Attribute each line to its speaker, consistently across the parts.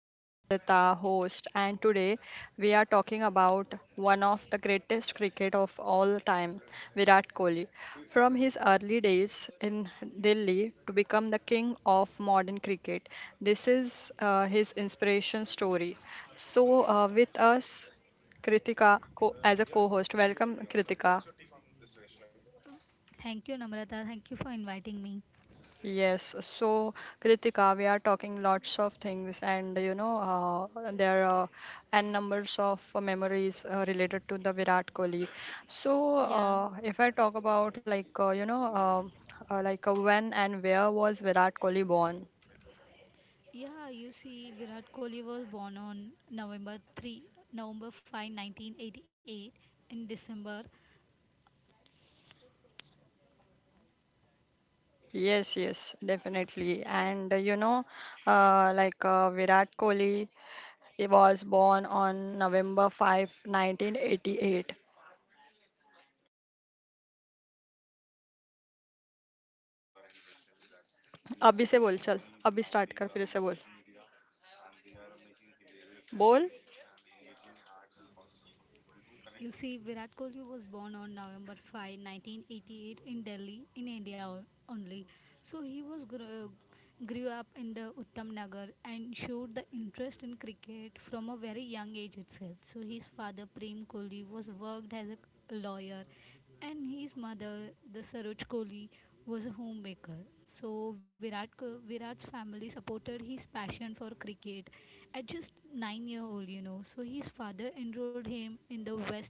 Speaker 1: I'm Namrita, host, and today we are talking about one of the greatest cricket of all time, Virat Kohli. From his early days in Delhi to become the king of modern cricket, this is his inspiration story. So, with us, Kritika as a co-host. Welcome, Kritika.
Speaker 2: Thank you, Namrata. Thank you for inviting me.
Speaker 1: Yes, so Kritika, we are talking lots of things, and there are n numbers of memories related to the Virat Kohli. So,
Speaker 2: Yeah,
Speaker 1: uh, if I talk about like when and where was Virat Kohli born?
Speaker 2: yeah. You see, Virat Kohli was born on November 3, November 5, 1988. In December,
Speaker 1: Yes, yes, definitely. And Virat Kohli, he was born on November 5, 1988. अभी से बोल चल अभी start कर फिर से बोल बोल
Speaker 2: you see, Virat Kohli was born on November 5, 1988, in Delhi, in only. So he was grew up in the Uttam Nagar and showed the interest in cricket from a very young age itself. So his father Prem Kohli was worked as a lawyer, and his mother, the Saroj Kohli, was a homemaker. So Virat's family supported his passion for cricket at just 9 year old. So his father enrolled him in the West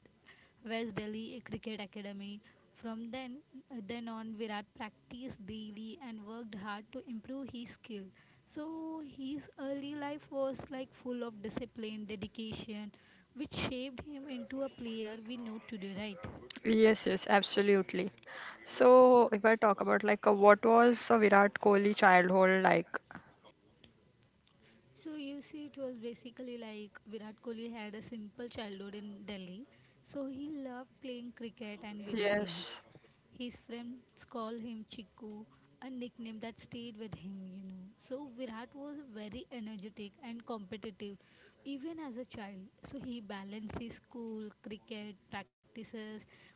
Speaker 2: West Delhi Cricket Academy. From then on, Virat practiced daily and worked hard to improve his skill. So his early life was like full of discipline, dedication, which shaped him into a player we know today, right?
Speaker 1: Yes, yes, absolutely. So if I talk about like, what was a Virat Kohli childhood like?
Speaker 2: So you see, it was basically like Virat Kohli had a simple childhood in Delhi. So he loved playing cricket and video games.
Speaker 1: Yes,
Speaker 2: His friends call him Chiku, a nickname that stayed with him. So Virat was very energetic and competitive, even as a child. So he balanced his school, cricket practices,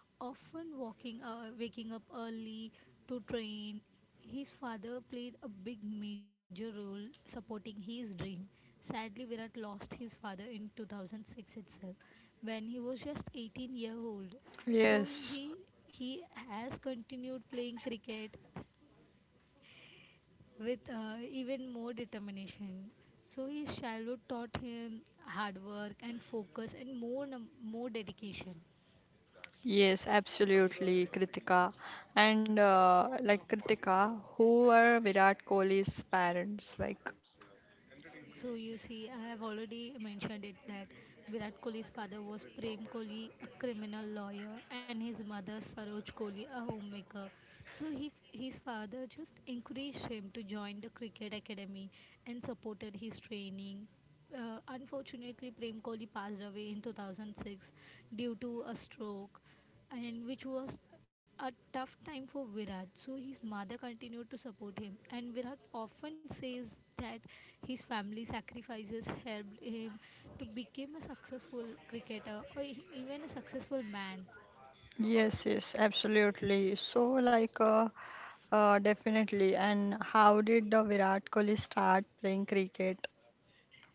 Speaker 2: often waking up early to train. His father played a big major role supporting his dream. Sadly, Virat lost his father in 2006 itself when he was just 18-year-old. So
Speaker 1: yes,
Speaker 2: he has continued playing cricket with even more determination. So his childhood taught him hard work and focus and more dedication.
Speaker 1: yes, absolutely, Kritika. And like Kritika, who were Virat Kohli's parents? Like,
Speaker 2: So you see, I have already mentioned it that Virat Kohli's father was Prem Kohli, a criminal lawyer, and his mother Saroj Kohli, a homemaker. So his father just encouraged him to join the cricket academy and supported his training. Unfortunately, Prem Kohli passed away in 2006 due to a stroke, and which was a tough time for Virat. So his mother continued to support him, and Virat often says that his family sacrifices helped him to become a successful cricketer or even a successful man.
Speaker 1: yes, yes, absolutely. So definitely. And how did the Virat Kohli start playing cricket?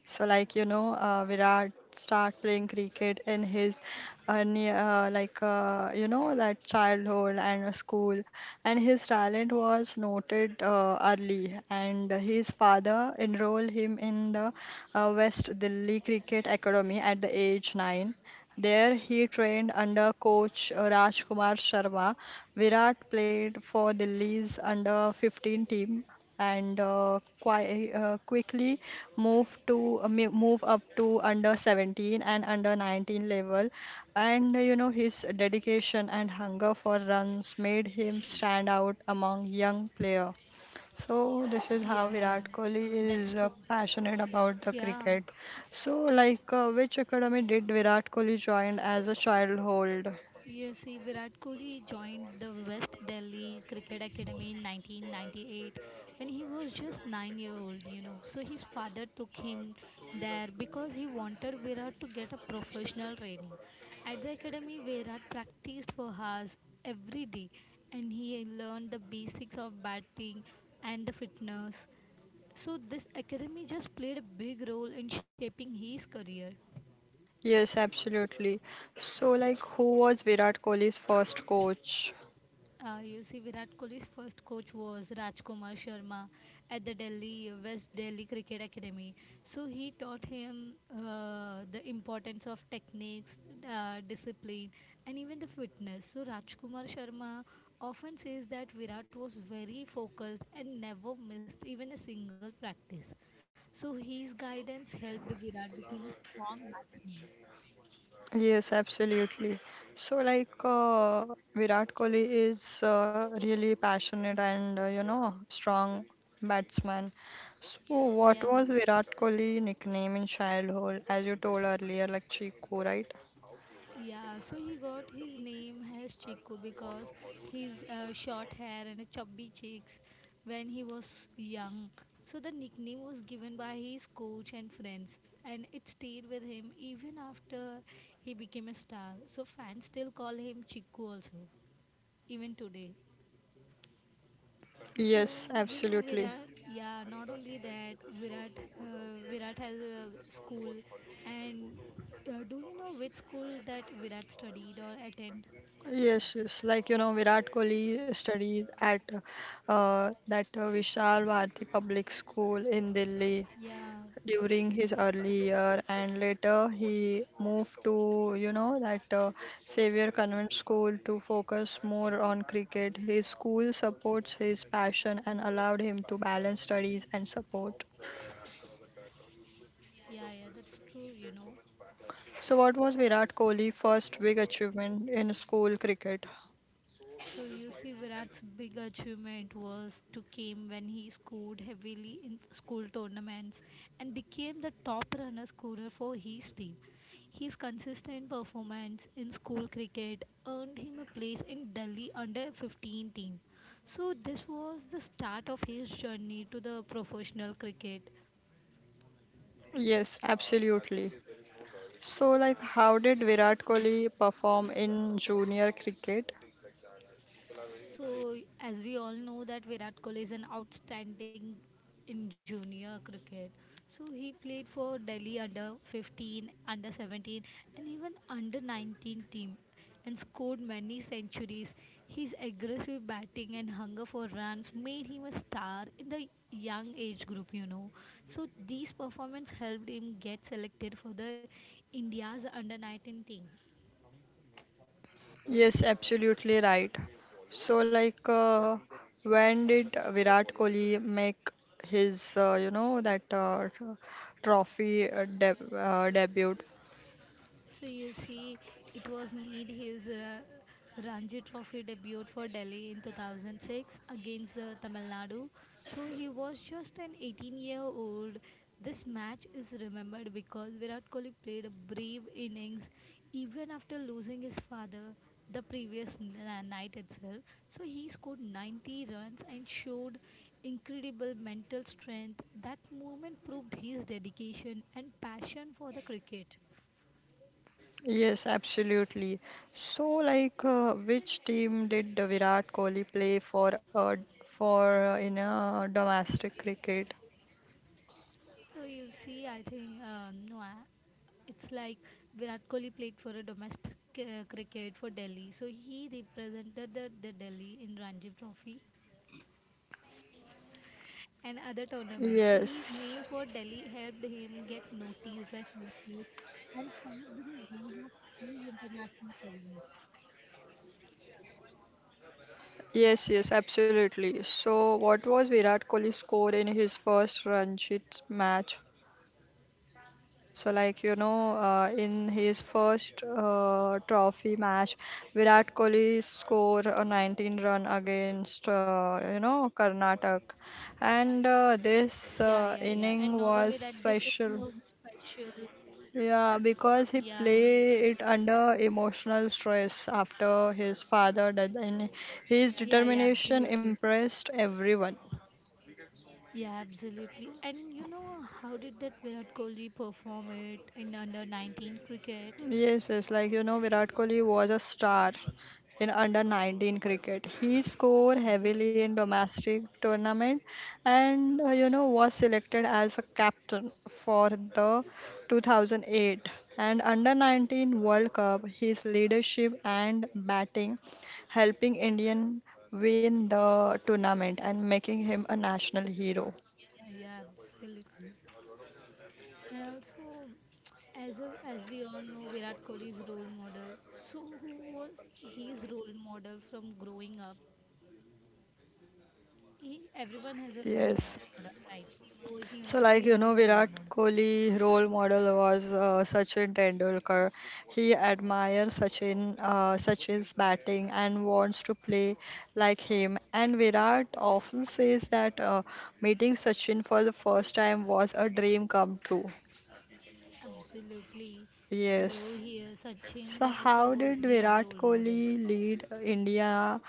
Speaker 1: So Virat start playing cricket in his near, like you know that childhood and school, and his talent was noted early. And his father enrolled him in the West Delhi Cricket Academy at the age 9. There he trained under coach Rajkumar Sharma. Virat played for Delhi's under 15 team and quickly move up to under 17 and under 19 level, and his dedication and hunger for runs made him stand out among young player. So
Speaker 2: Yeah,
Speaker 1: this is
Speaker 2: yeah,
Speaker 1: how Virat Kohli
Speaker 2: that's true.
Speaker 1: is passionate about the
Speaker 2: Yeah,
Speaker 1: cricket. So which academy did Virat Kohli join as a childhood?
Speaker 2: you see, Virat Kohli joined the West Delhi Cricket Academy in 1998 when he was just 9 year old. So his father took him there because he wanted Virat to get a professional training. At the academy, Virat practiced for hours every day, and he learned the basics of batting and the fitness. So this academy just played a big role in shaping his career.
Speaker 1: Yes, absolutely. So like, who was Virat Kohli's first coach?
Speaker 2: You see, Virat Kohli's first coach was Rajkumar Sharma at the Delhi West Delhi Cricket Academy. So he taught him the importance of techniques, discipline, and even the fitness. So Rajkumar Sharma often says that Virat was very focused and never missed even a single practice. So his guidance helped Virat become a strong batsman.
Speaker 1: Yes, absolutely. So, Virat Kohli is really passionate and, strong batsman. So,
Speaker 2: Yeah.
Speaker 1: what was Virat Kohli nickname in childhood, as you told earlier, like Chiku, right?
Speaker 2: Yeah, so he got his name as Chico because his short hair and chubby cheeks when he was young. So the nickname was given by his coach and friends, and it stayed with him even after he became a star. So fans still call him Chico also, even today. So
Speaker 1: Yes,
Speaker 2: you know
Speaker 1: absolutely.
Speaker 2: Virat, yeah. Not only that, Virat has a school, and
Speaker 1: If
Speaker 2: do you know which school that Virat studied or attend?
Speaker 1: maybe. Yes, yes. Like, you know, Virat Kohli studied at that Vishal Bharati Public School in Delhi
Speaker 2: Yeah,
Speaker 1: during his early year, and later he moved to, you know, that Xavier Convent School to focus more on cricket. His school supports his passion and allowed him to balance studies and support.
Speaker 2: yeah, yeah. That's true. You know,
Speaker 1: So, what was Virat Kohli's first big achievement in school cricket?
Speaker 2: so you see, Virat's big achievement was to came when he scored heavily in school tournaments and became the top runner scorer for his team. His consistent performance in school cricket earned him a place in Delhi under 15 team. So this was the start of his journey to the professional cricket.
Speaker 1: Yes, absolutely. So, how did Virat Kohli perform in junior cricket?
Speaker 2: So, as we all know that Virat Kohli is an outstanding in junior cricket. So he played for Delhi under 15, under 17, and even under 19 team, and scored many centuries. His aggressive batting and hunger for runs made him a star in the young age group, you know. So these performance helped him get selected for the India's under 19 team.
Speaker 1: Yes, absolutely right. So, when did Virat Kohli make his, you know, that tr- trophy deb debut?
Speaker 2: So you see, it was made his Ranji Trophy debut for Delhi in 2006 against the Tamil Nadu. So he was just an 18-year-old. This match is remembered because Virat Kohli played a brave innings even after losing his father the night itself. So he scored 90 runs and showed incredible mental strength. That moment proved his dedication and passion for the cricket.
Speaker 1: Yes, absolutely. So, which team did the Virat Kohli play for? In domestic cricket?
Speaker 2: So you see, I think no, I, it's like Virat Kohli played for a domestic cricket for Delhi. So he represented the Delhi in Ranji Trophy and other tournaments. So his
Speaker 1: Yes,
Speaker 2: name for Delhi helped him get noticed by selectors. And
Speaker 1: yes, yes, absolutely. So, what was Virat Kohli's score in his first Ranji match? So, in his first trophy match, Virat Kohli scored a 19 run against, Karnataka. And
Speaker 2: yeah, yeah,
Speaker 1: uh,
Speaker 2: yeah. And
Speaker 1: this
Speaker 2: not only
Speaker 1: uh,
Speaker 2: that, this
Speaker 1: inning
Speaker 2: evening
Speaker 1: was
Speaker 2: was special.
Speaker 1: special. Yeah,
Speaker 2: Yeah,
Speaker 1: because he played it under emotional stress after his father death, and his
Speaker 2: yeah, yeah.
Speaker 1: determination
Speaker 2: Absolutely.
Speaker 1: impressed everyone.
Speaker 2: Yeah, absolutely. And you know how did that Virat Kohli perform it in under 19 cricket?
Speaker 1: Yes, yes, like you know, Virat Kohli was a star in under 19 cricket. He scored heavily
Speaker 2: Absolutely.
Speaker 1: in domestic tournament, and was selected as a captain for the 2008 and under 19 World Cup. His leadership and batting helping Indian win the tournament and making him a national hero.
Speaker 2: Yeah, yeah, absolutely. And also, as we all know, Virat Kohli is role model. So who was his role model from growing up? Everyone has a role model,
Speaker 1: Yes.
Speaker 2: right? So he must be
Speaker 1: So,
Speaker 2: having
Speaker 1: like
Speaker 2: a
Speaker 1: you
Speaker 2: role
Speaker 1: know,
Speaker 2: model.
Speaker 1: Virat Kohli role model was Sachin Tendulkar. He admires Sachin's batting and wants to play like him. And Virat often says that meeting Sachin for the first time was a dream come true.
Speaker 2: Absolutely. So
Speaker 1: Yes.
Speaker 2: here, Sachin
Speaker 1: So,
Speaker 2: Tendulkar
Speaker 1: how
Speaker 2: was
Speaker 1: did
Speaker 2: his
Speaker 1: Virat
Speaker 2: role model.
Speaker 1: Kohli lead India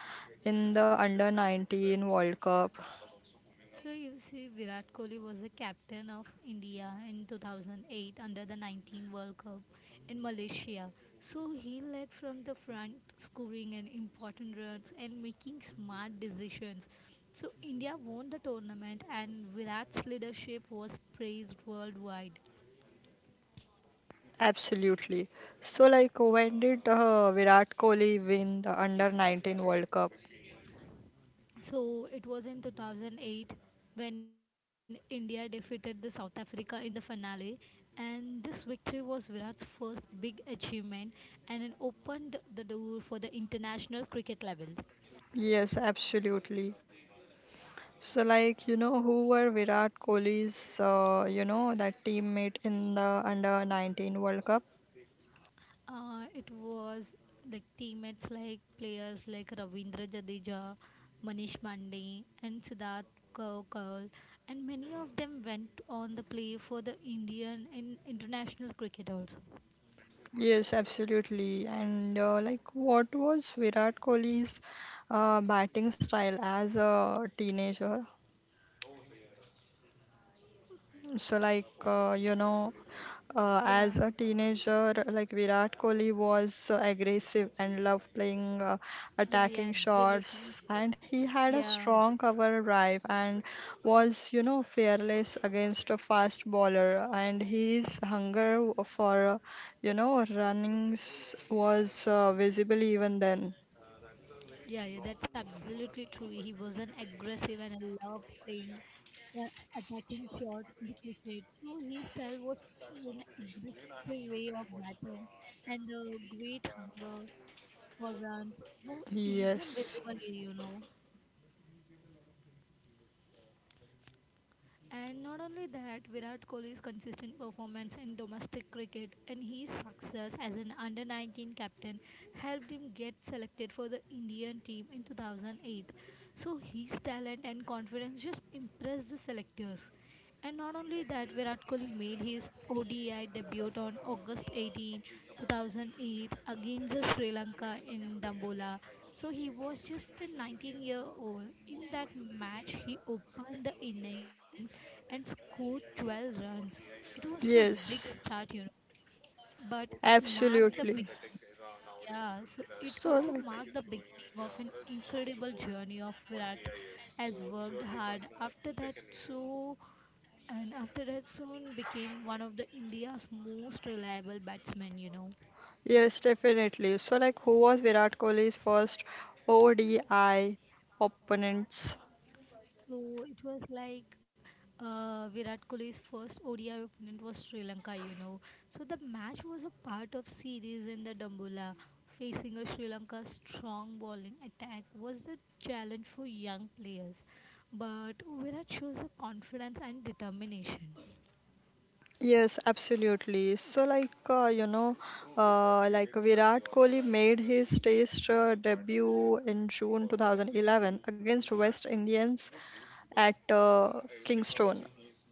Speaker 1: in the under 19 World Cup?
Speaker 2: So you see, Virat Kohli was the captain of India in 2008 under the 19 World Cup in Malaysia. So he led from the front, scoring an important runs and making smart decisions. So India won the tournament, and Virat's leadership was praised worldwide.
Speaker 1: Absolutely. So, like, when did Virat Kohli win the Under 19 World Cup?
Speaker 2: So it was in 2008 when India defeated the South Africa in the finale, and this victory was Virat's first big achievement, and it opened the door for the international cricket level.
Speaker 1: Yes, absolutely. So, like, you know, who were Virat Kohli's, you know, that teammate in the Under 19 World Cup?
Speaker 2: It was like teammates like players like Ravindra Jadeja, Manish Pandey, and Siddharth Kaukal, and many of them went on the play for the Indian in international cricket also.
Speaker 1: Yes, absolutely. And, like, what was Virat Kohli's batting style as a teenager? So, like, as
Speaker 2: Yeah.
Speaker 1: a teenager, like Virat Kohli was aggressive and loved playing
Speaker 2: Yeah,
Speaker 1: attacking
Speaker 2: yeah, absolutely.
Speaker 1: shots, and he had a
Speaker 2: Yeah,
Speaker 1: strong cover drive and was, you know, fearless against a fast bowler. And his hunger for, runnings was visible even then.
Speaker 2: yeah, yeah, that's absolutely true. He was an aggressive and I love playing the attacking shots in the cricket. So his style was an aggressive way of batting, and a great hunger for runs were even
Speaker 1: Yes,
Speaker 2: visible, here, you know. And not only that, Virat Kohli's consistent performance in domestic cricket and his success as an under 19 captain helped him get selected for the Indian team in 2008. So his talent and confidence just impressed the selectors. And not only that, Virat Kohli made his ODI debut on August 18, 2008 against the Sri Lanka in Dambola. So he was just a 19-year-old. In that match, he opened the innings and scored 12 runs. It was a big
Speaker 1: yes.
Speaker 2: start, you know, but it marked the
Speaker 1: Absolutely.
Speaker 2: beginning. Yeah, so it
Speaker 1: So
Speaker 2: also
Speaker 1: like
Speaker 2: marked the beginning of an incredible journey of Virat has worked hard after that, so and after that soon became one of the India's most reliable batsmen, you know.
Speaker 1: yes, definitely. So like who was Virat Kohli's first ODI opponents?
Speaker 2: So it was like Virat Kohli's first ODI opponent was Sri Lanka, you know. So the match was a part of series in the Dambulla. Facing a Sri Lanka strong bowling attack was the challenge for young players. But Virat shows the confidence and determination.
Speaker 1: Yes, absolutely. So Virat Kohli made his Test debut in June 2011 against West Indians at Kingston.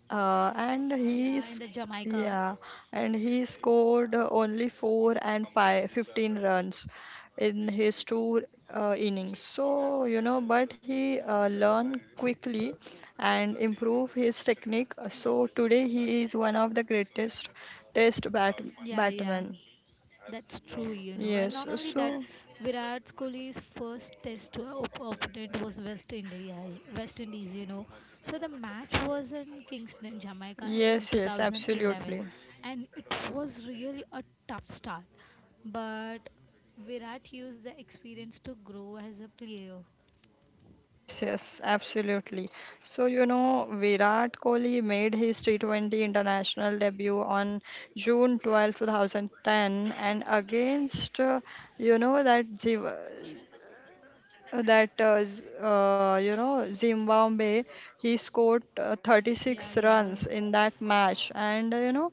Speaker 1: Uh, and
Speaker 2: Yeah,
Speaker 1: he
Speaker 2: in the
Speaker 1: s-
Speaker 2: Jamaica.
Speaker 1: yeah, and he scored only 4 and 515 runs in his two innings. So, you know, but he learned quickly and improved his technique. So today he is one of the greatest test
Speaker 2: Yeah, yeah.
Speaker 1: batsmen.
Speaker 2: That's true, you know. And not
Speaker 1: Yes,
Speaker 2: only that,
Speaker 1: so
Speaker 2: Virat Kohli's opponent was West Indies. West Indies, you know. So the match was in Kingston, Jamaica in
Speaker 1: yes, yes,
Speaker 2: 2011,
Speaker 1: absolutely.
Speaker 2: and it was really a tough start. But Virat used the experience to grow as a player.
Speaker 1: Yes, yes, absolutely. So, you know, Virat Kohli made his T20 international debut on June 12, 2010, and against, you know, that Jiva- that Z- you know Zimbabwe. He scored
Speaker 2: Yeah,
Speaker 1: 36
Speaker 2: yeah,
Speaker 1: runs in that match, and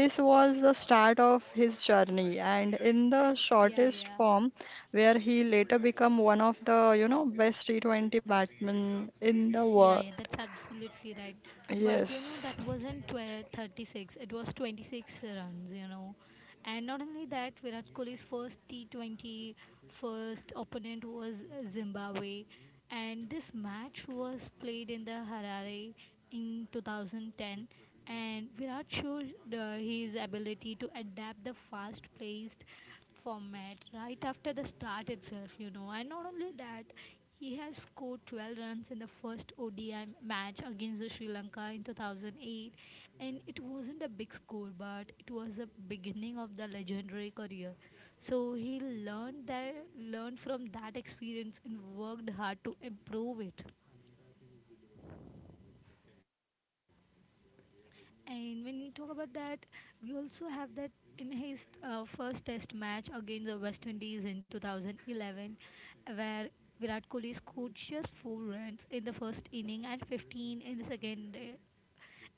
Speaker 1: this was the start of his journey and in the
Speaker 2: yeah,
Speaker 1: shortest
Speaker 2: yeah.
Speaker 1: form, where he later became one of the best T20 batsmen in the
Speaker 2: Yeah,
Speaker 1: world.
Speaker 2: yeah, that's absolutely right. But you know, that
Speaker 1: Yes.
Speaker 2: wasn't 12, 36, it was 26 runs, you know. And not only that, Virat Kohli's first T20 first opponent was Zimbabwe, and this match was played in the Harare in 2010, and Virat showed his ability to adapt the fast-paced format right after the start itself, you know. And not only that, he has scored 12 runs in the first ODI match against the Sri Lanka in 2008, and it wasn't a big score, but it was the beginning of the legendary career. So he learned that learned from that experience and worked hard to improve it. And when you talk about that, we also have that in his first test match against the West Indies in 2011, where Virat Kohli scored just four runs in the first inning and 15 in the second.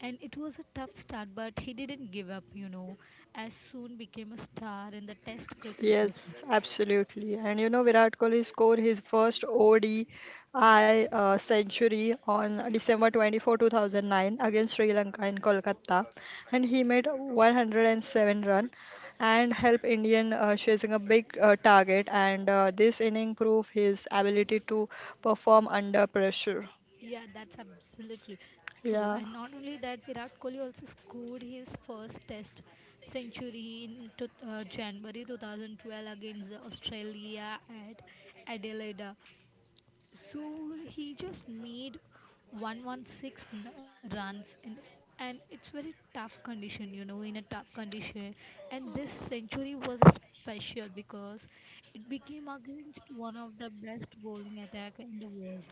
Speaker 2: And it was a tough start, but he didn't give up. You know, as soon became a star in the Test cricket.
Speaker 1: Yes, absolutely. And you know, Virat Kohli scored his first ODI century on December 24, 2009 against Sri Lanka in Kolkata. And he made 107 run and helped Indian chasing a big target. And this inning proved his ability to perform under pressure.
Speaker 2: Yeah, that's absolutely true.
Speaker 1: Yeah.
Speaker 2: And not only that, Virat Kohli also scored his first Test century in January 2012 against Australia at Adelaide. So he just made 116 runs in, and it's very tough condition you know in a tough condition, and this century was a special because it became against one of the best bowling attack in the world.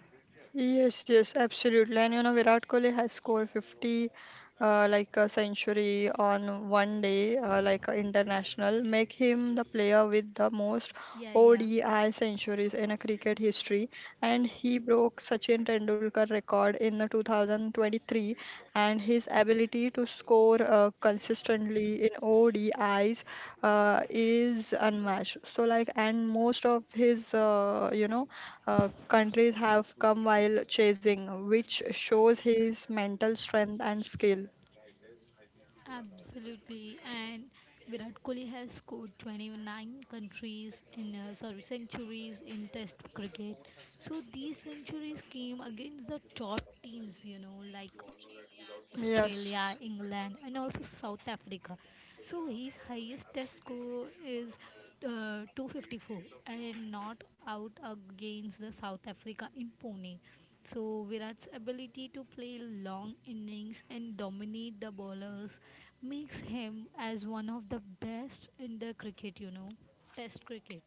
Speaker 1: Yes, yes, absolutely. And you know, Virat Kohli has scored 50 like a century on one day, like a international, make him the player with the most
Speaker 2: Yeah, yeah,
Speaker 1: ODI centuries in a cricket history. And he broke Sachin Tendulkar record in the 2023. And his ability to score consistently in ODIs is unmatched. So like, and most of his, countries have come while chasing, which shows his mental strength and skill.
Speaker 2: absolutely, and Virat Kohli has scored 29 countries in sorry centuries in Test cricket. So these centuries came against the top teams, you know, like Australia, England,
Speaker 1: Yes,
Speaker 2: and also South Africa. So his highest test score is 254 and not out against the South Africa in Pune. So Virat's ability to play long innings and dominate the bowlers makes him as one of the best in the cricket, you know, test cricket.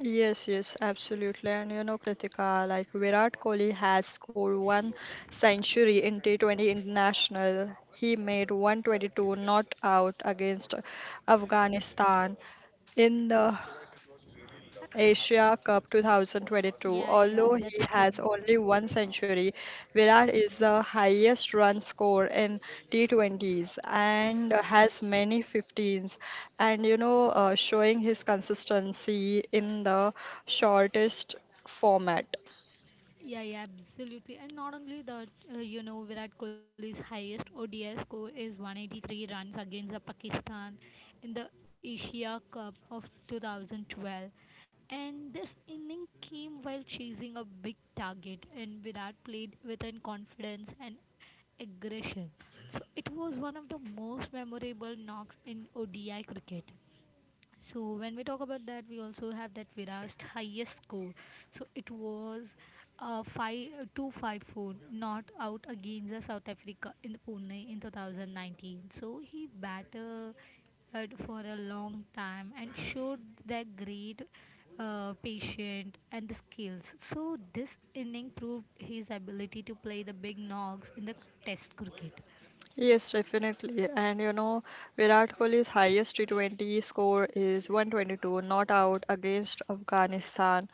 Speaker 1: yes, yes, absolutely. And you know, Kritika, like Virat Kohli has scored one century in T20 International. He made 122 not out against Afghanistan in the Asia Cup 2022.
Speaker 2: Yeah,
Speaker 1: Although
Speaker 2: yeah,
Speaker 1: he
Speaker 2: that's true.
Speaker 1: has only one century, Virat is the highest run score in T20s and has many 15s. And you know, showing his consistency in the shortest format.
Speaker 2: Yeah, yeah, absolutely. And not only that, you know, Virat Kohli's highest ODI score is 183 runs against the Pakistan in the Asia Cup of 2012. And this inning came while chasing a big target, and Virat played with an confidence and aggression. So it was one of the most memorable knocks in ODI cricket. So when we talk about that, we also have that Virat's highest score. So it was five 254 not out against the South Africa in the Pune in 2019. So he batted for a long time and showed their great patience and the skills. So this inning proved his ability to play the big knocks in the Test cricket.
Speaker 1: Yes, definitely. And you know, Virat Kohli's highest T20 score is 122 not out against Afghanistan.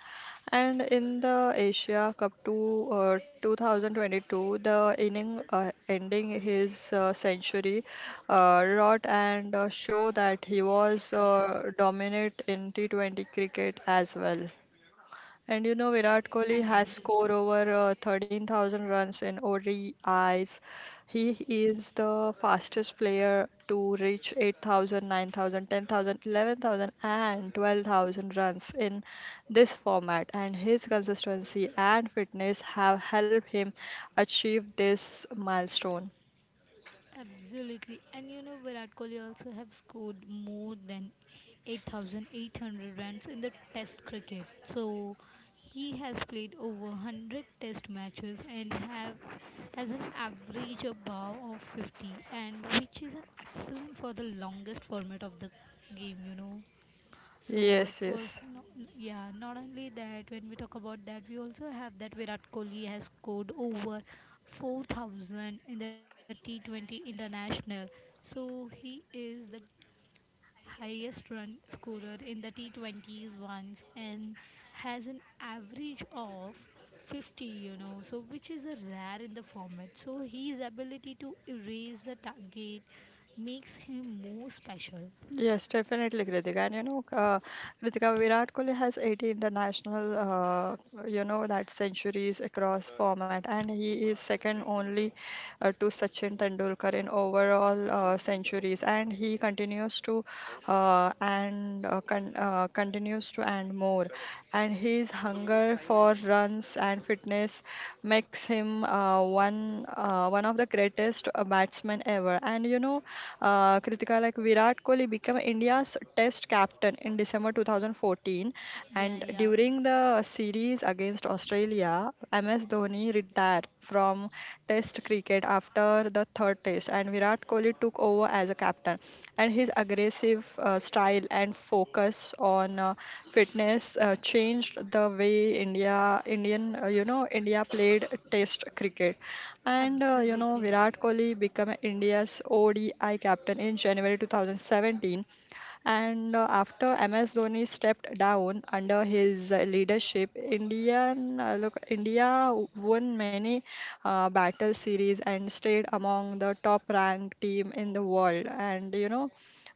Speaker 1: And in the Asia Cup 2022, the inning ending his century wrought and show that he
Speaker 2: Yeah,
Speaker 1: was
Speaker 2: yeah,
Speaker 1: dominant in T20 cricket as well. And you know, Virat Kohli
Speaker 2: absolutely.
Speaker 1: has scored over 13,000 runs in ODIs. He is the fastest player to reach 8,000, 9,000, 10,000, 11,000, and 12,000 runs in this format. And his consistency and fitness have helped him achieve this milestone.
Speaker 2: Absolutely. And you know, Virat Kohli also have scored more than 8,800 runs in the test cricket. So he has played over 100 test matches and have has an average above of 50 and which is an excellent for the longest format of the game, you know. So it
Speaker 1: Yes,
Speaker 2: was,
Speaker 1: yes.
Speaker 2: no, yeah, not only that, when we talk about that, we also have that Virat Kohli has scored over 4,000 in the T20 International. So he is the highest run scorer in the T20s once and has an average of 50, you know, so which is a rare in the format. So his ability to erase the target makes him more special.
Speaker 1: Yes, definitely, Kritika. And you know, Kritika, Virat Kohli has 80 international, you know, that centuries across format, and he is second only to Sachin Tendulkar in overall centuries, and he continues to and more, and his hunger for runs and fitness makes him one of the greatest batsmen ever. And you know, Kritika, like Virat Kohli became India's Test captain in December 2014, and
Speaker 2: Yeah, yeah,
Speaker 1: during the series against Australia, MS Dhoni retired from Test cricket after the third Test, and Virat Kohli took over as a captain. And his aggressive style and focus on fitness changed the way India played Test cricket. And
Speaker 2: absolutely.
Speaker 1: Virat Kohli became India's ODI captain in January 2017 and after MS Dhoni stepped down under his leadership, India won many battle series and stayed among the top-ranked team in the world. And you know,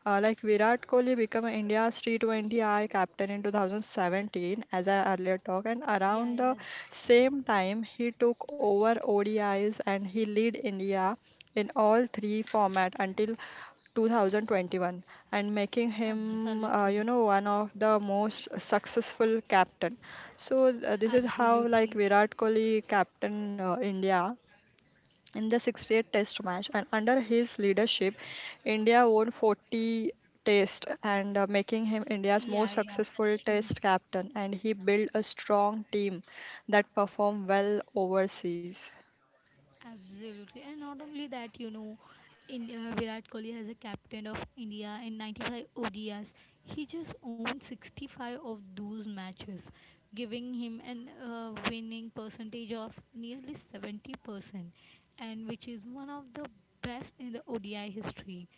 Speaker 1: Virat Kohli became India's T20I captain in 2017, as I earlier talked, and around
Speaker 2: Yeah,
Speaker 1: the
Speaker 2: yeah,
Speaker 1: same time he took over ODIs, and he lead India in all three format until 2021, and making him,
Speaker 2: absolutely.
Speaker 1: one of the most successful captain. So this is how like
Speaker 2: Absolutely.
Speaker 1: Virat Kohli captain India in the 68 test match, and under his leadership India won 40 test, and making him India's most
Speaker 2: Yeah, yeah,
Speaker 1: successful
Speaker 2: that's true.
Speaker 1: test captain, and he built a strong team that performed well overseas.
Speaker 2: Absolutely. And not only that, you know, in Virat Kohli has a captain of India in 95 ODIs. He just owned 65 of those matches, giving him an winning percentage of nearly 70% and which is one of the best in the ODI history.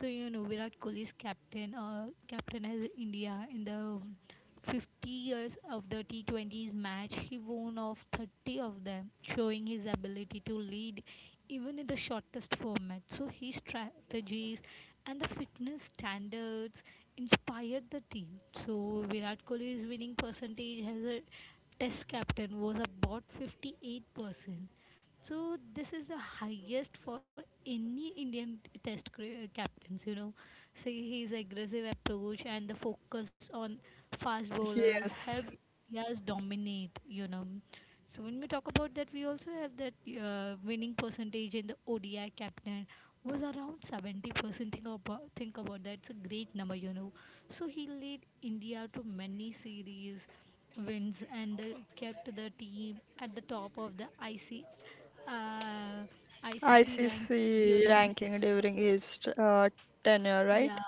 Speaker 2: So you know Virat Kohli is captain as India in the 50 years of the T20s match, he won off 30 of them, showing his ability to lead even in the shortest format. So his strategies and the fitness standards inspired the team. So Virat Kohli's winning percentage as a test captain was about 58%. So this is the highest for any Indian captains, you know. Say his aggressive approach and the focus on fast bowlers help
Speaker 1: Yes.
Speaker 2: us dominate, you know. So when we talk about that, we also have that winning percentage in the ODI captain was around 70%. Think about that. It's a great number, you know. So he led India to many series wins and kept the team at the top of the IC, uh, ICC rank
Speaker 1: ICC
Speaker 2: during his
Speaker 1: ranking
Speaker 2: tenure.
Speaker 1: during his tenure,
Speaker 2: Yeah,
Speaker 1: right?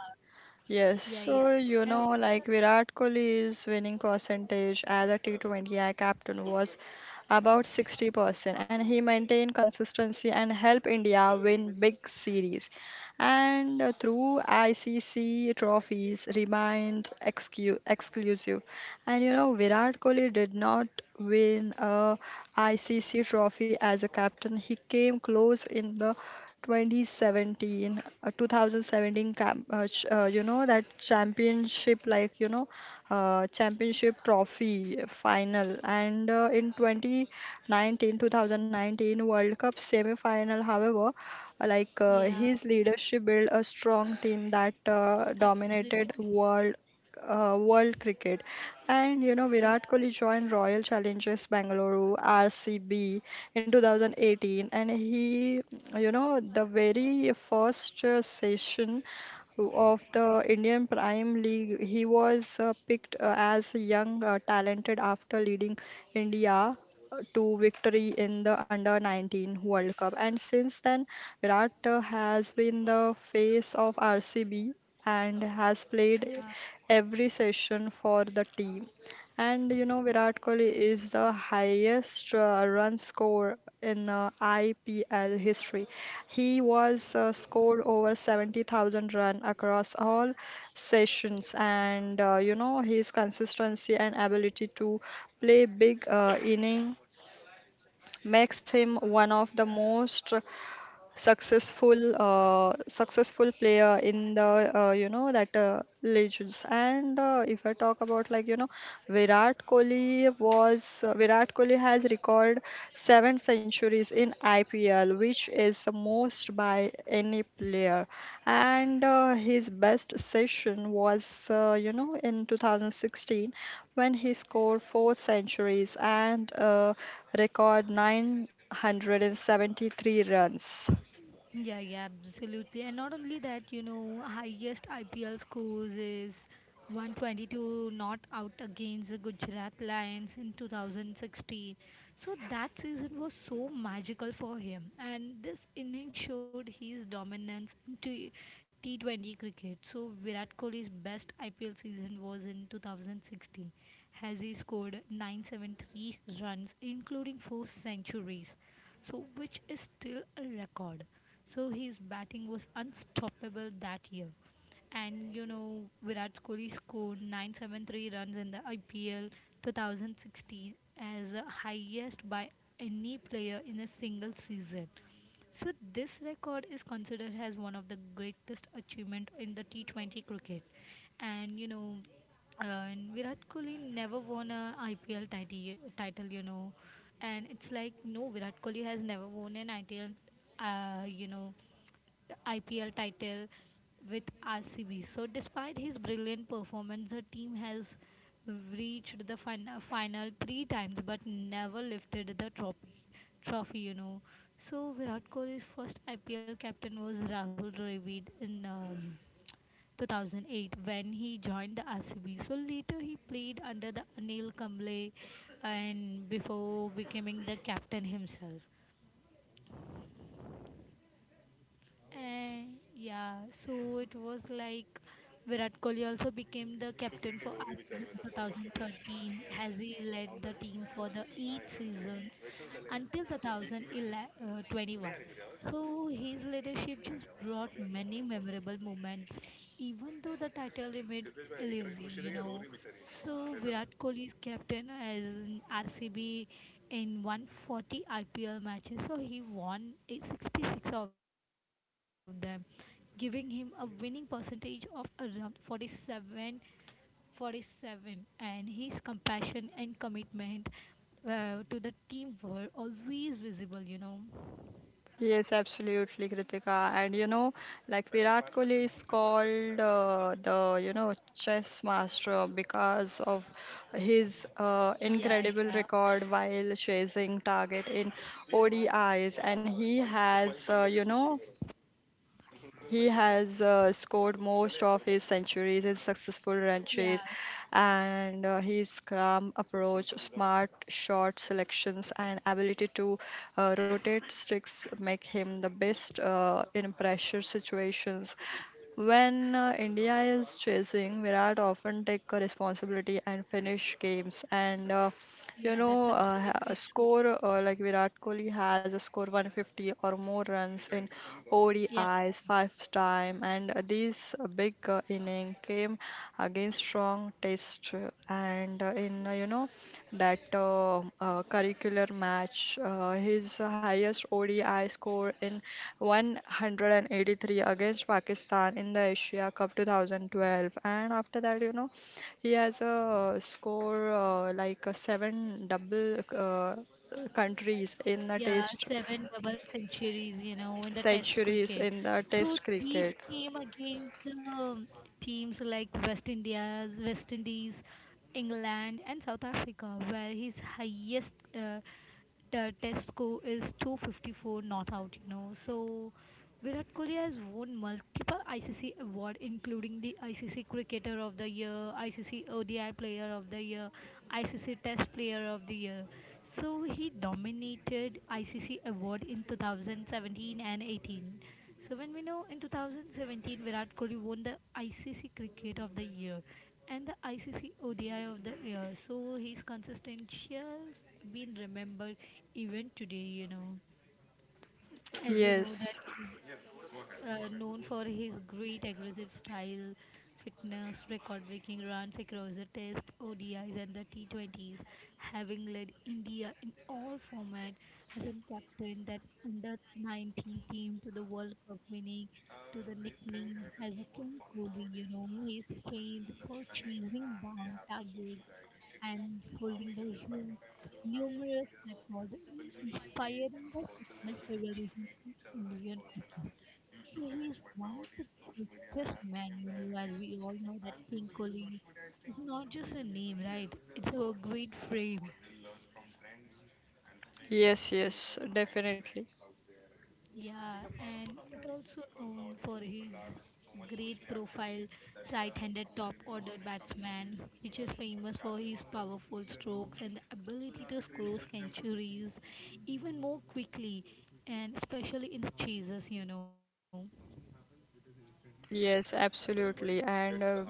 Speaker 1: Yes,
Speaker 2: yeah, yeah.
Speaker 1: so you
Speaker 2: And
Speaker 1: know,
Speaker 2: also, you
Speaker 1: like
Speaker 2: know,
Speaker 1: Virat Kohli's winning percentage as a T20 I captain was about 60%, and he maintained consistency and helped India win big series. And through ICC trophies, remained excu- exclusive. And you know, Virat Kohli did not win a ICC trophy as a captain. He came close in the 2017 camp, ch- you know that championship championship trophy final. And in 2019 World Cup semi-final, however,
Speaker 2: yeah.
Speaker 1: his leadership built a strong team that
Speaker 2: Absolutely.
Speaker 1: dominated world cricket. And
Speaker 2: Yeah,
Speaker 1: Virat Kohli joined Royal Challengers Bangalore, RCB, in 2018, and he, the very first session of the Indian Prime League, he was picked as a young talented, after leading India to victory in the under 19 World Cup. And since then Virat has been the face of RCB and has played
Speaker 2: yeah.
Speaker 1: every session for the team. And Virat Kohli is the highest run score in IPL history. He was scored over 70,000 run across all sessions, and his consistency and ability to play big inning makes him one of the most successful player in the, you know that legends. And if I talk about, Virat Kohli has recorded 7 centuries in IPL, which is the most by any player. And his best session was in 2016, when he scored 4 centuries and record 973 runs.
Speaker 2: Yeah, yeah, absolutely. And not only that, you know, highest IPL scores is 122 not out against the Gujarat Lions in 2016. So that season was so magical for him, and this innings showed his dominance in T20 cricket. So Virat Kohli's best IPL season was in 2016, as he scored 973 runs, including four centuries, so which is still a record, so his batting was unstoppable that year. And you know, Virat Kohli scored 973 runs in the IPL 2016 as the highest by any player in a single season. So this record is considered as one of the greatest achievement in the T20 cricket. And you know, and Virat Kohli never won a IPL title, you know, and it's like no, Virat Kohli has never won an IPL uh, you know, the IPL title with RCB. So despite his brilliant performance, the team has reached the final three times but never lifted the trophy. You know. So Virat Kohli's first IPL captain was Rahul Dravid in 2008 when he joined the RCB. So later he played under the Anil Kamble and before becoming the captain himself. And yeah, so it was like Virat Kohli also became the captain for us in 2013 as he led the team for the eight seasons until 2021. So his leadership just brought many memorable moments, even though the title remained elusive, you know. So Virat Kohli is captain as in RCB in 140 IPL matches. So he won a 66 of them, giving him a winning percentage of around 47 and his compassion and commitment to the team were always visible, you know.
Speaker 1: Yes, absolutely, Kritika. And like Virat Kohli is called the chess master, because of his
Speaker 2: Yeah,
Speaker 1: incredible
Speaker 2: yeah.
Speaker 1: record while chasing target in ODIs, and he has scored most of his centuries in successful
Speaker 2: Yeah.
Speaker 1: ranches, and his calm approach, smart shot selections, and ability to rotate sticks make him the best in pressure situations. When India is chasing, Virat often take a responsibility and finish games. And you
Speaker 2: Yeah, that's
Speaker 1: know, ha-
Speaker 2: absolutely true.
Speaker 1: score Virat Kohli has a score 150 or more runs in
Speaker 2: Yeah.
Speaker 1: ODIs five time, and this big inning came against strong test, and in you know that curricular match. His highest ODI score in 183 against Pakistan in the Asia Cup 2012. And after that, he has a score, like a seven double countries in a
Speaker 2: Yeah,
Speaker 1: test
Speaker 2: seven double centuries, you know, in the Test cricket.
Speaker 1: centuries in the
Speaker 2: So
Speaker 1: test
Speaker 2: these
Speaker 1: cricket.
Speaker 2: came against um, teams like West India's, West Indies, England, and South Africa, where his highest Test score is 254 not out. You know, so Virat Kohli has won multiple ICC award, including the ICC Cricketer of the Year, ICC ODI Player of the Year, ICC Test Player of the Year. So he dominated ICC award in 2017 and 18. So when we know in 2017 Virat Kohli won the ICC Cricket of the Year and the ICC ODI of the Year. So his consistency has been remembered even today, you know, as we know
Speaker 1: Yes,
Speaker 2: that he's known for his great aggressive style, fitness, record-breaking runs across the Test, ODIs, and the T20s, having led India in all formats as a captain that under-19 team to the World Cup winning to the nickname as a King Kohli. You know, he is famed for chasing down targets and holding the huge numerous records inspiring the fitness revolution in Indian cooking. So he is one of the richest men, you know, as we all know that King Kohli is not just a name, right? It's a great frame.
Speaker 1: yes, yes, definitely.
Speaker 2: Yeah, and it also known for his great profile right-handed top-order batsman, which is famous for his powerful strokes and the ability to score centuries even more quickly, and especially in the chases, you know.
Speaker 1: Yes, absolutely. And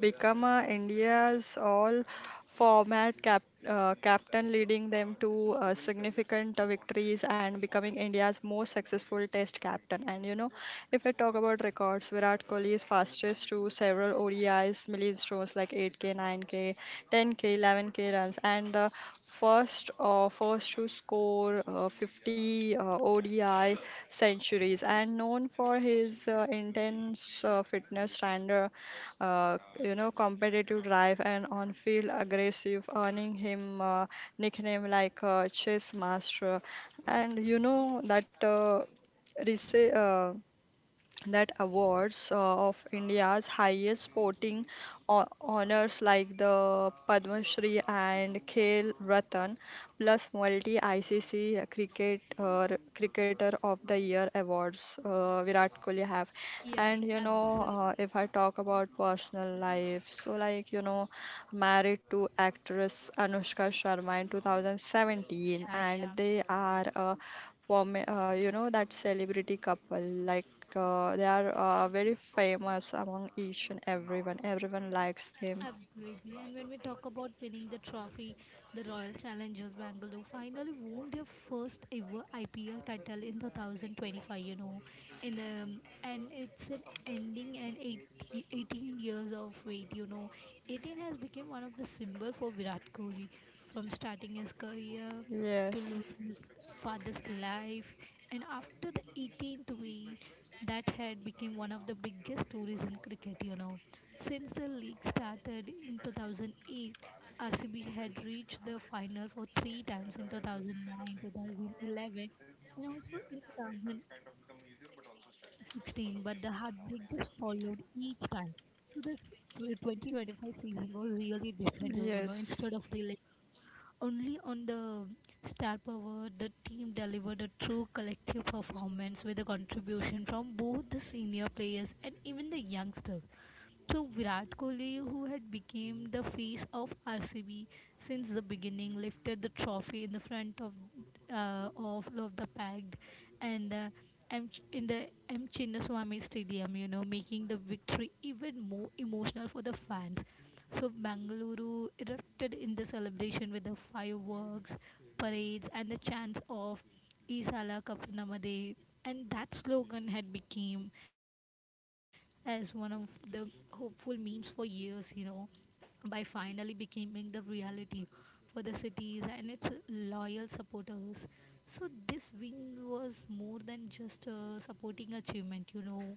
Speaker 1: become India's all format captain, leading them to significant victories and becoming India's most successful test captain. And if I talk about records, Virat Kohli is fastest to several ODIs milestones like 8K, 9K, 10K, 11K runs, and the first to score 50 ODI centuries, and known for his intense fitness standard, competitive drive and on-field aggressive, earning him nickname like chess master. And you know that Risa, that awards of India's highest sporting honors like the Padma Shri and Khel Ratan, plus multi ICC cricket cricketer of the year awards Virat Kohli have.
Speaker 2: Yeah,
Speaker 1: And
Speaker 2: yeah,
Speaker 1: you know,
Speaker 2: absolutely.
Speaker 1: uh, if I talk about personal life, so, married to actress Anushka Sharma in 2017,
Speaker 2: Yeah, yeah.
Speaker 1: and they are. For me, that celebrity couple, like they are very famous, among each and everyone likes them.
Speaker 2: Absolutely. And when we talk about winning the trophy, the Royal Challengers Bangalore finally won their first ever IPL title in 2025, you know. In and it's an ending and 18 of wait, you know. 18 has become one of the symbol for Virat Kohli from starting his career to
Speaker 1: Yes,
Speaker 2: losing his father's life and after the 18th wait that had become one of the biggest stories in cricket, you know, since the league started in 2008, RCB had reached the final for three times in 2009, 2011, and also in 2016, but the heartbreak just followed each time. So this 2025 season was really different, you know. Instead of
Speaker 1: yes,
Speaker 2: relying only on the star power, the team delivered a true collective performance with a contribution from both the senior players and even the youngsters to Virat Kohli, who had become the face of RCB since the beginning, lifted the trophy in the front of the packed and uh, in the M Chinnaswamy Stadium, you know, making the victory even more emotional for the fans. So Bangalore erupted in the celebration with the fireworks, parades, and the chants of Isala Kapunamade, and that slogan had become as one of the hopeful memes for years, you know, by finally becoming the reality for the cities and its loyal supporters. So this win was more than just a supporting achievement, you know.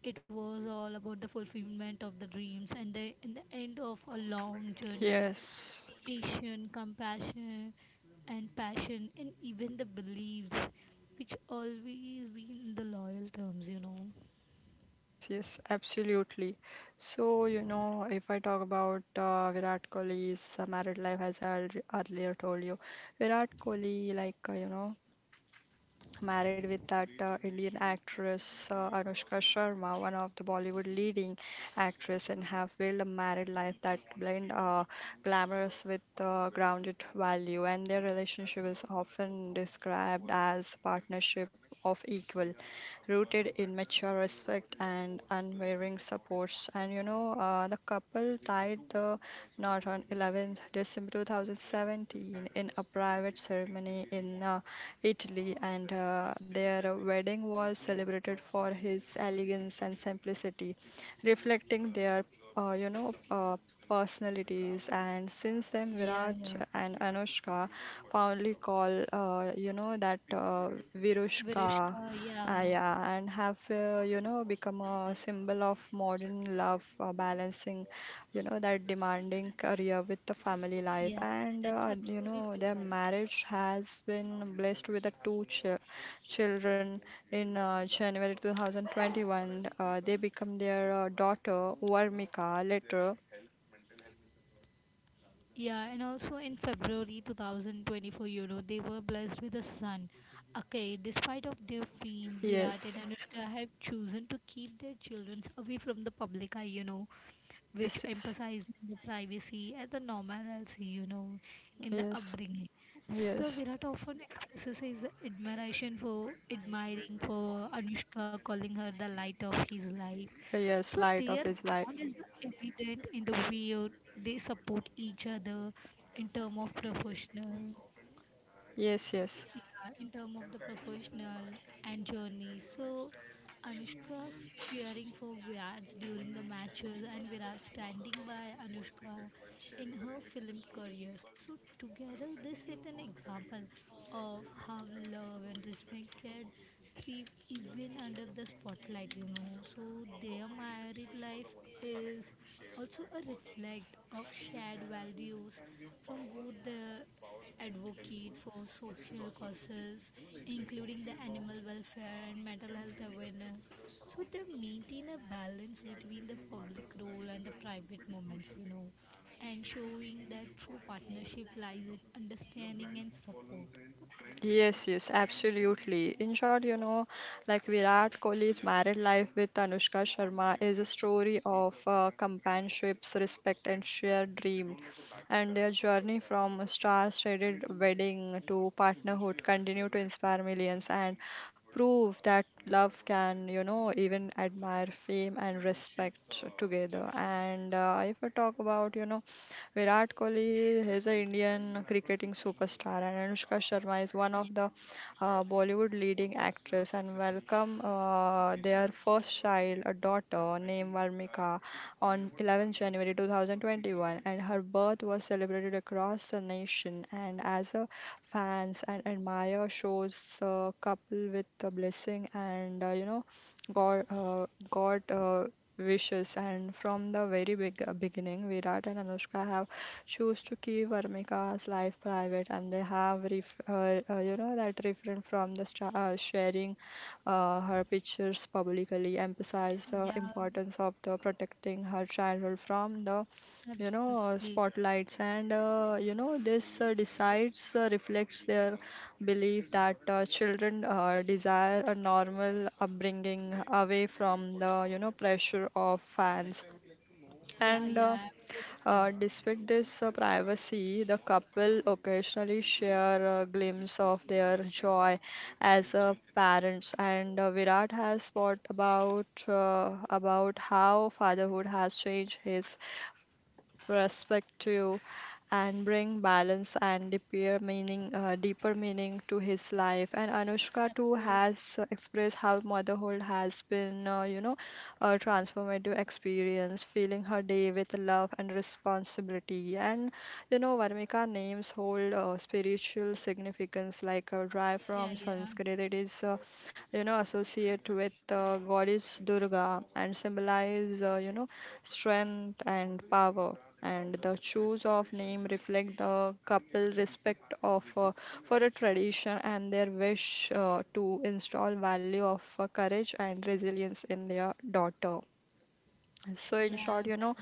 Speaker 2: It was all about the fulfillment of the dreams and the end of a long journey,
Speaker 1: yes,
Speaker 2: patience, compassion, and passion, and even the beliefs, which always been the loyal terms, you know.
Speaker 1: yes, yes, absolutely. So if I talk about Virat Kohli's married life, as I earlier told you, Virat Kohli, like uh, you know married with that Indian actress Anushka Sharma, one of the Bollywood leading actress, and have built a married life that blend glamorous with grounded value. And their relationship is often described as partnership of equal, rooted in mature respect and unwavering supports. And the couple tied the knot on 11th December 2017 in a private ceremony in Italy, and their wedding was celebrated for his elegance and simplicity, reflecting their, uh, you know, uh, personalities. And since then,
Speaker 2: Yeah,
Speaker 1: Virat
Speaker 2: yeah.
Speaker 1: and Anushka fondly call, you know, that Virushka.
Speaker 2: Virishka, yeah,
Speaker 1: Yeah, and have, become a symbol of modern love, balancing you know that demanding career with the family life,
Speaker 2: yeah.
Speaker 1: and
Speaker 2: That's absolutely
Speaker 1: their
Speaker 2: right.
Speaker 1: marriage has been blessed with the two children. In January 2021, they become their daughter Varmika later.
Speaker 2: Yeah, and also in February 2024, you know, they were blessed with a son. Okay, despite of their fame, Virat
Speaker 1: Yes,
Speaker 2: and Anushka have chosen to keep their children away from the public eye, you know,
Speaker 1: yes,
Speaker 2: which
Speaker 1: yes,
Speaker 2: emphasizes the privacy and the normalcy, you know, in the
Speaker 1: yes,
Speaker 2: upbringing. So
Speaker 1: yes,
Speaker 2: Virat often expresses his admiration for admiring for Anushka, calling her the light of his life.
Speaker 1: yes,
Speaker 2: So
Speaker 1: light
Speaker 2: their
Speaker 1: of his
Speaker 2: bond
Speaker 1: life,
Speaker 2: is evident in the way they support each other in terms of professional
Speaker 1: yes, yes.
Speaker 2: yeah, in terms of the professional and journey. So Anushka's cheering for Virat during the matches and Virat standing by Anushka in her film career. So together they set an example of how love and respect can thrive even under the spotlight, you know. So their married life is also a reflect of shared values from both the advocate for social causes, including the animal welfare and mental health awareness. So they maintain a balance between the public role and the private moments, you know, and showing that true partnership lies in understanding and support.
Speaker 1: Yes, yes, absolutely. In short, like Virat Kohli's married life with Anushka Sharma is a story of companionships, respect, and shared dream. And their journey from a star-studded wedding to partnerhood continue to inspire millions and prove that love can, even admire fame and respect together. And if I talk about, Virat Kohli is an Indian cricketing superstar, and Anushka Sharma is one
Speaker 2: Yeah,
Speaker 1: of the Bollywood leading actress. And welcome their first child, a daughter named Varmika, on 11th January 2021, and her birth was celebrated across the nation. And as a fans and admire shows couple with the blessing, and God wishes, and from the very big, beginning, Virat and Anushka have chose to keep Varmika's life private, and they have ref- you know that refrain from the sharing her pictures publicly, emphasize the
Speaker 2: yeah,
Speaker 1: importance of the protecting her childhood from the,
Speaker 2: absolutely.
Speaker 1: spotlights. And this decides reflects their believe that children desire a normal upbringing, away from the, pressure of fans.
Speaker 2: Yeah,
Speaker 1: and uh,
Speaker 2: yeah, absolutely.
Speaker 1: uh, despite this privacy, the couple occasionally share a glimpse of their joy as parents, and Virat has thought about how fatherhood has changed his respect to you, and bring balance and deeper meaning to his life. And Anushka too
Speaker 2: Absolutely.
Speaker 1: has expressed how motherhood has been, a transformative experience, filling her day with love and responsibility. And Varmika names hold spiritual significance. Like dry
Speaker 2: Yeah,
Speaker 1: from
Speaker 2: yeah,
Speaker 1: Sanskrit, it is associated with Goddess Durga and symbolize, strength and power. And the choice of name reflect the couple respect of for a tradition, and their wish to install value of courage and resilience in their daughter. So in short,
Speaker 2: yeah,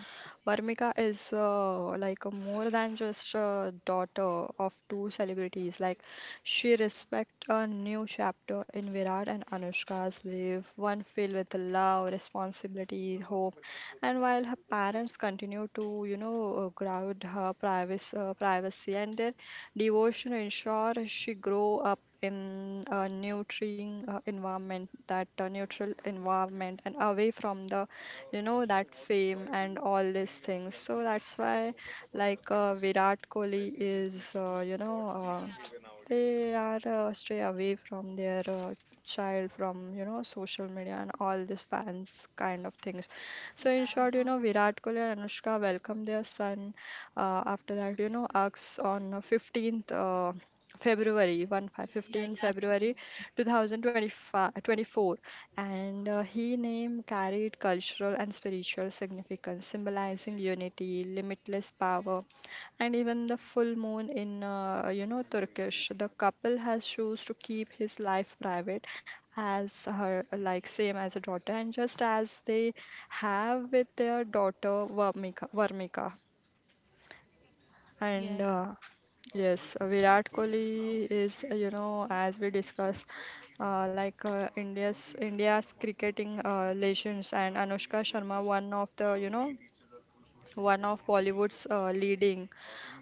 Speaker 1: Varmika is, like a more than just a daughter of two celebrities. Like she respect a new chapter in Virat and Anushka's life, one filled with love, responsibility, hope. And while her parents continue to, ground her privacy, and their devotion ensure she grow up in a nurturing environment, that neutral environment, and away from the, you know that fame and all these things. So that's why, Virat Kohli is,
Speaker 2: yeah,
Speaker 1: they are stray away from their child from, social media and all these fans kind of things. So
Speaker 2: yeah,
Speaker 1: in
Speaker 2: no,
Speaker 1: short, Virat Kohli and Anushka welcomed their son, after that you know Acts, on 15th February 1 5
Speaker 2: yeah,
Speaker 1: fifteenth
Speaker 2: yeah, okay.
Speaker 1: February 2024, and he name carried cultural and spiritual significance, symbolizing unity, limitless power, and even the full moon in, Turkish. The couple has chose to keep his life private, as her like same as a daughter, and just as they have with their daughter Varmika, Varmika.
Speaker 2: Yeah,
Speaker 1: And
Speaker 2: yeah.
Speaker 1: Yes, Virat Kohli is, as we discussed, India's cricketing legends, and Anushka Sharma, one of the, one of Bollywood's leading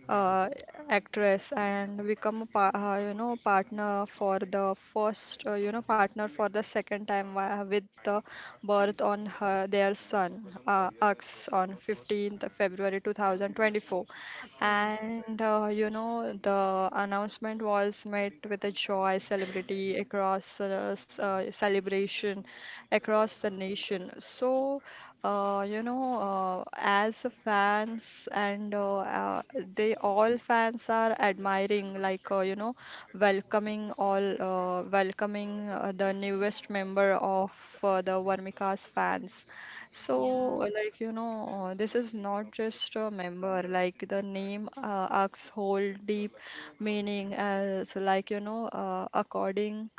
Speaker 1: uh, actress, and become a partner for the first you know partner for the second time, with the birth on her, their son Aks on 15th February 2024,
Speaker 2: Okay, okay.
Speaker 1: and the announcement was met with a joy celebrity across celebration across the nation. So, as a fans and, they all fans are admiring, welcoming all, welcoming the
Speaker 2: yeah,
Speaker 1: newest member of the Vermica's fans. So,
Speaker 2: yeah.
Speaker 1: this is not just a member. Like the name acts whole deep meaning as, according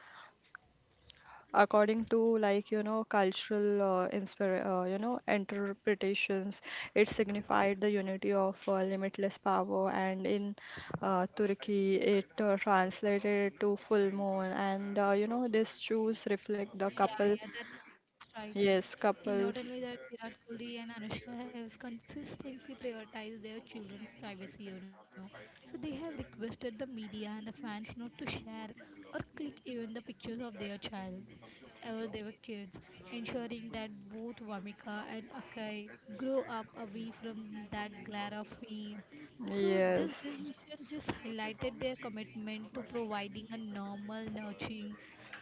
Speaker 1: according to, cultural interpretations. It signified the unity of limitless power, and in Turkey it translated to full moon, and these shoes reflect the
Speaker 2: Yeah,
Speaker 1: couple.
Speaker 2: yeah, that's right.
Speaker 1: Yes,
Speaker 2: And not only that,
Speaker 1: couples.
Speaker 2: Virat Kohli and Anushka have consistently prioritized their children's privacy, you know. So they have requested the media and the fans not to share or click even the pictures of their child ever they were kids, ensuring that both Vamika and Akai grow up away from that glare of fame. So this
Speaker 1: Yes,
Speaker 2: decision just highlighted their commitment to providing a normal, nurturing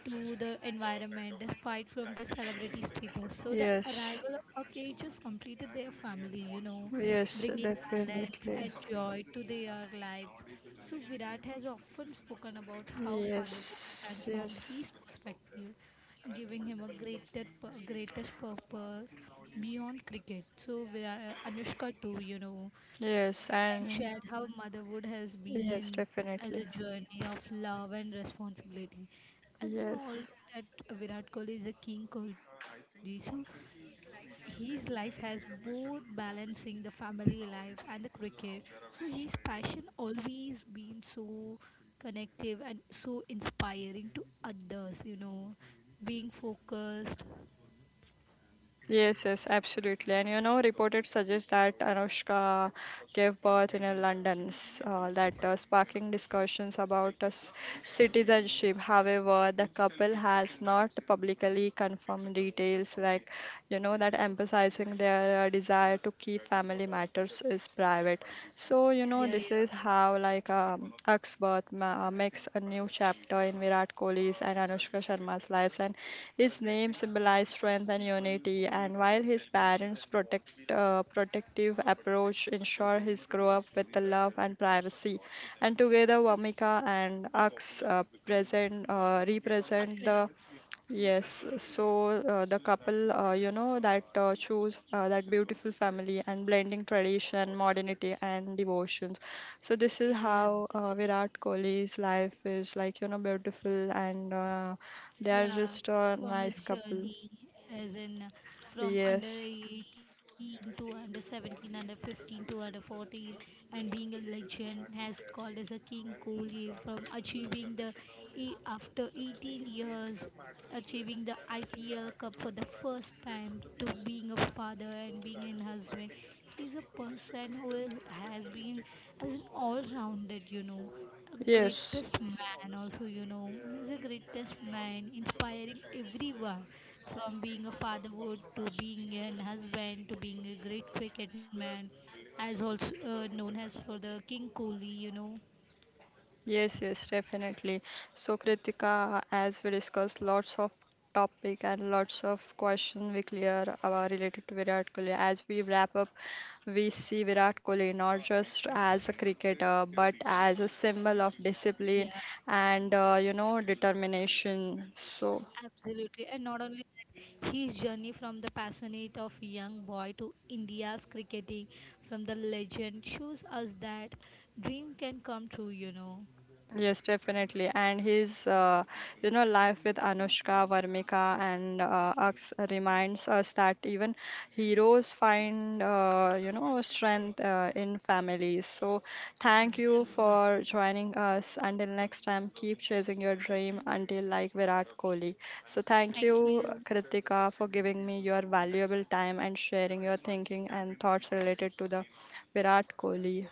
Speaker 2: to the environment despite from their celebrity status. So the
Speaker 1: it's
Speaker 2: arrival of our cages completed their family, you know,
Speaker 1: yes, own
Speaker 2: bringing balance
Speaker 1: definitely.
Speaker 2: and joy to their lives. So Virat has often spoken about
Speaker 1: Their,
Speaker 2: how fatherhood
Speaker 1: yes, own,
Speaker 2: transformed
Speaker 1: yes,
Speaker 2: his perspective, giving him a greatest purpose beyond cricket. So Virat, Anushka too, you know,
Speaker 1: yes,
Speaker 2: and
Speaker 1: and
Speaker 2: shared how motherhood has
Speaker 1: yes,
Speaker 2: been as a
Speaker 1: definitely.
Speaker 2: journey of love and responsibility. As we all
Speaker 1: Yes,
Speaker 2: know that Virat Kohli is a king Kohli, so his life has both balancing the family life and the cricket. So his passion always been so connective and so inspiring to others. You know, being focused.
Speaker 1: yes, yes, absolutely. And reported suggest that Anushka gave birth in a London, s- that sparking discussions about citizenship. However, the couple has not publicly confirmed details, like you know, that emphasizing their desire to keep family matters is private. So
Speaker 2: Yeah,
Speaker 1: this is
Speaker 2: yeah.
Speaker 1: how, Axe birth makes a new chapter in Virat Kohli's and Anushka Sharma's lives, and his name symbolizes strength and unity, and while his parents' protective approach ensure his grow up with the love and privacy, and together Vamika and Ax present
Speaker 2: Uh,
Speaker 1: represent
Speaker 2: correct.
Speaker 1: the. Yes, so, the couple, you know, that choose that beautiful family, and blending tradition, modernity, and devotion. So this is
Speaker 2: Yeah, yeah,
Speaker 1: how
Speaker 2: absolutely.
Speaker 1: Virat Kohli's life is like, beautiful, and they are
Speaker 2: Yeah,
Speaker 1: just a
Speaker 2: from his
Speaker 1: nice couple.
Speaker 2: journey, as in from under
Speaker 1: Yes,
Speaker 2: 18 to under 17, under 15 to under 14, and being a legend, has called as a King Kohli from achieving the after 18 years, achieving the IPL Cup for the first time, to being a father and being a husband. He's a person has been as an all-rounded, you know,
Speaker 1: yes,
Speaker 2: greatest man. Also, you know, he's a greatest man inspiring everyone from being a fatherhood to being an husband to being a great cricket man, as also known as for the king kohli, you know.
Speaker 1: yes, yes, definitely. So, Kritika, as we discussed, lots of topic and lots of question we clear related to Virat Kohli. As we wrap up, we see Virat Kohli not just as a cricketer but as a symbol of
Speaker 2: Yeah,
Speaker 1: discipline and determination. So.
Speaker 2: absolutely, and not only that, his journey from the passionate of young boy to India's cricketing from the legend shows us that dream can come true, you know.
Speaker 1: Yes, definitely. And his, life with Anushka, Varmika, and Aks reminds us that even heroes find, strength in families. So, thank you
Speaker 2: Absolutely.
Speaker 1: for joining us. Until next time, keep chasing your dream until like Virat Kohli. So, thank
Speaker 2: Thank
Speaker 1: you,
Speaker 2: you.
Speaker 1: Kritika, for giving me your valuable time and sharing your thinking and thoughts related to the Virat Kohli.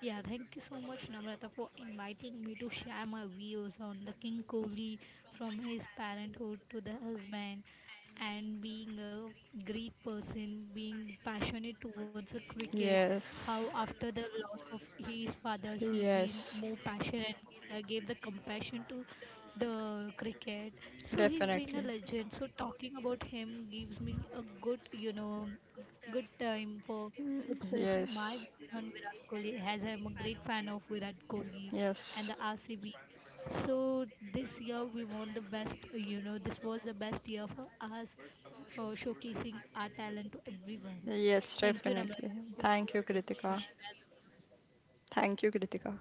Speaker 2: Yeah, thank you so much, Namrata, for inviting me to share my views on the King Kohli, from his parenthood to the husband and being a great person, being passionate towards the cricket. How
Speaker 1: Yes,
Speaker 2: after the loss of his father, he been
Speaker 1: yes.
Speaker 2: more passionate and gave the compassion to the cricket. So he's been a
Speaker 1: Definitely.
Speaker 2: legend. So talking about him gives me a good, you know, good time for expressing my
Speaker 1: Yes.
Speaker 2: views on Virat Kohli, as I'm a great fan of Virat Kohli and
Speaker 1: Yes.
Speaker 2: the RCB. So this year we won the best, you know, this was the best year for us for showcasing our talent to everyone.
Speaker 1: Yes,
Speaker 2: Thank you,
Speaker 1: definitely.
Speaker 2: Namrata. Thank you
Speaker 1: Thank
Speaker 2: for
Speaker 1: you,
Speaker 2: making
Speaker 1: Kritika.
Speaker 2: me share the views.
Speaker 1: Thank you, Kritika.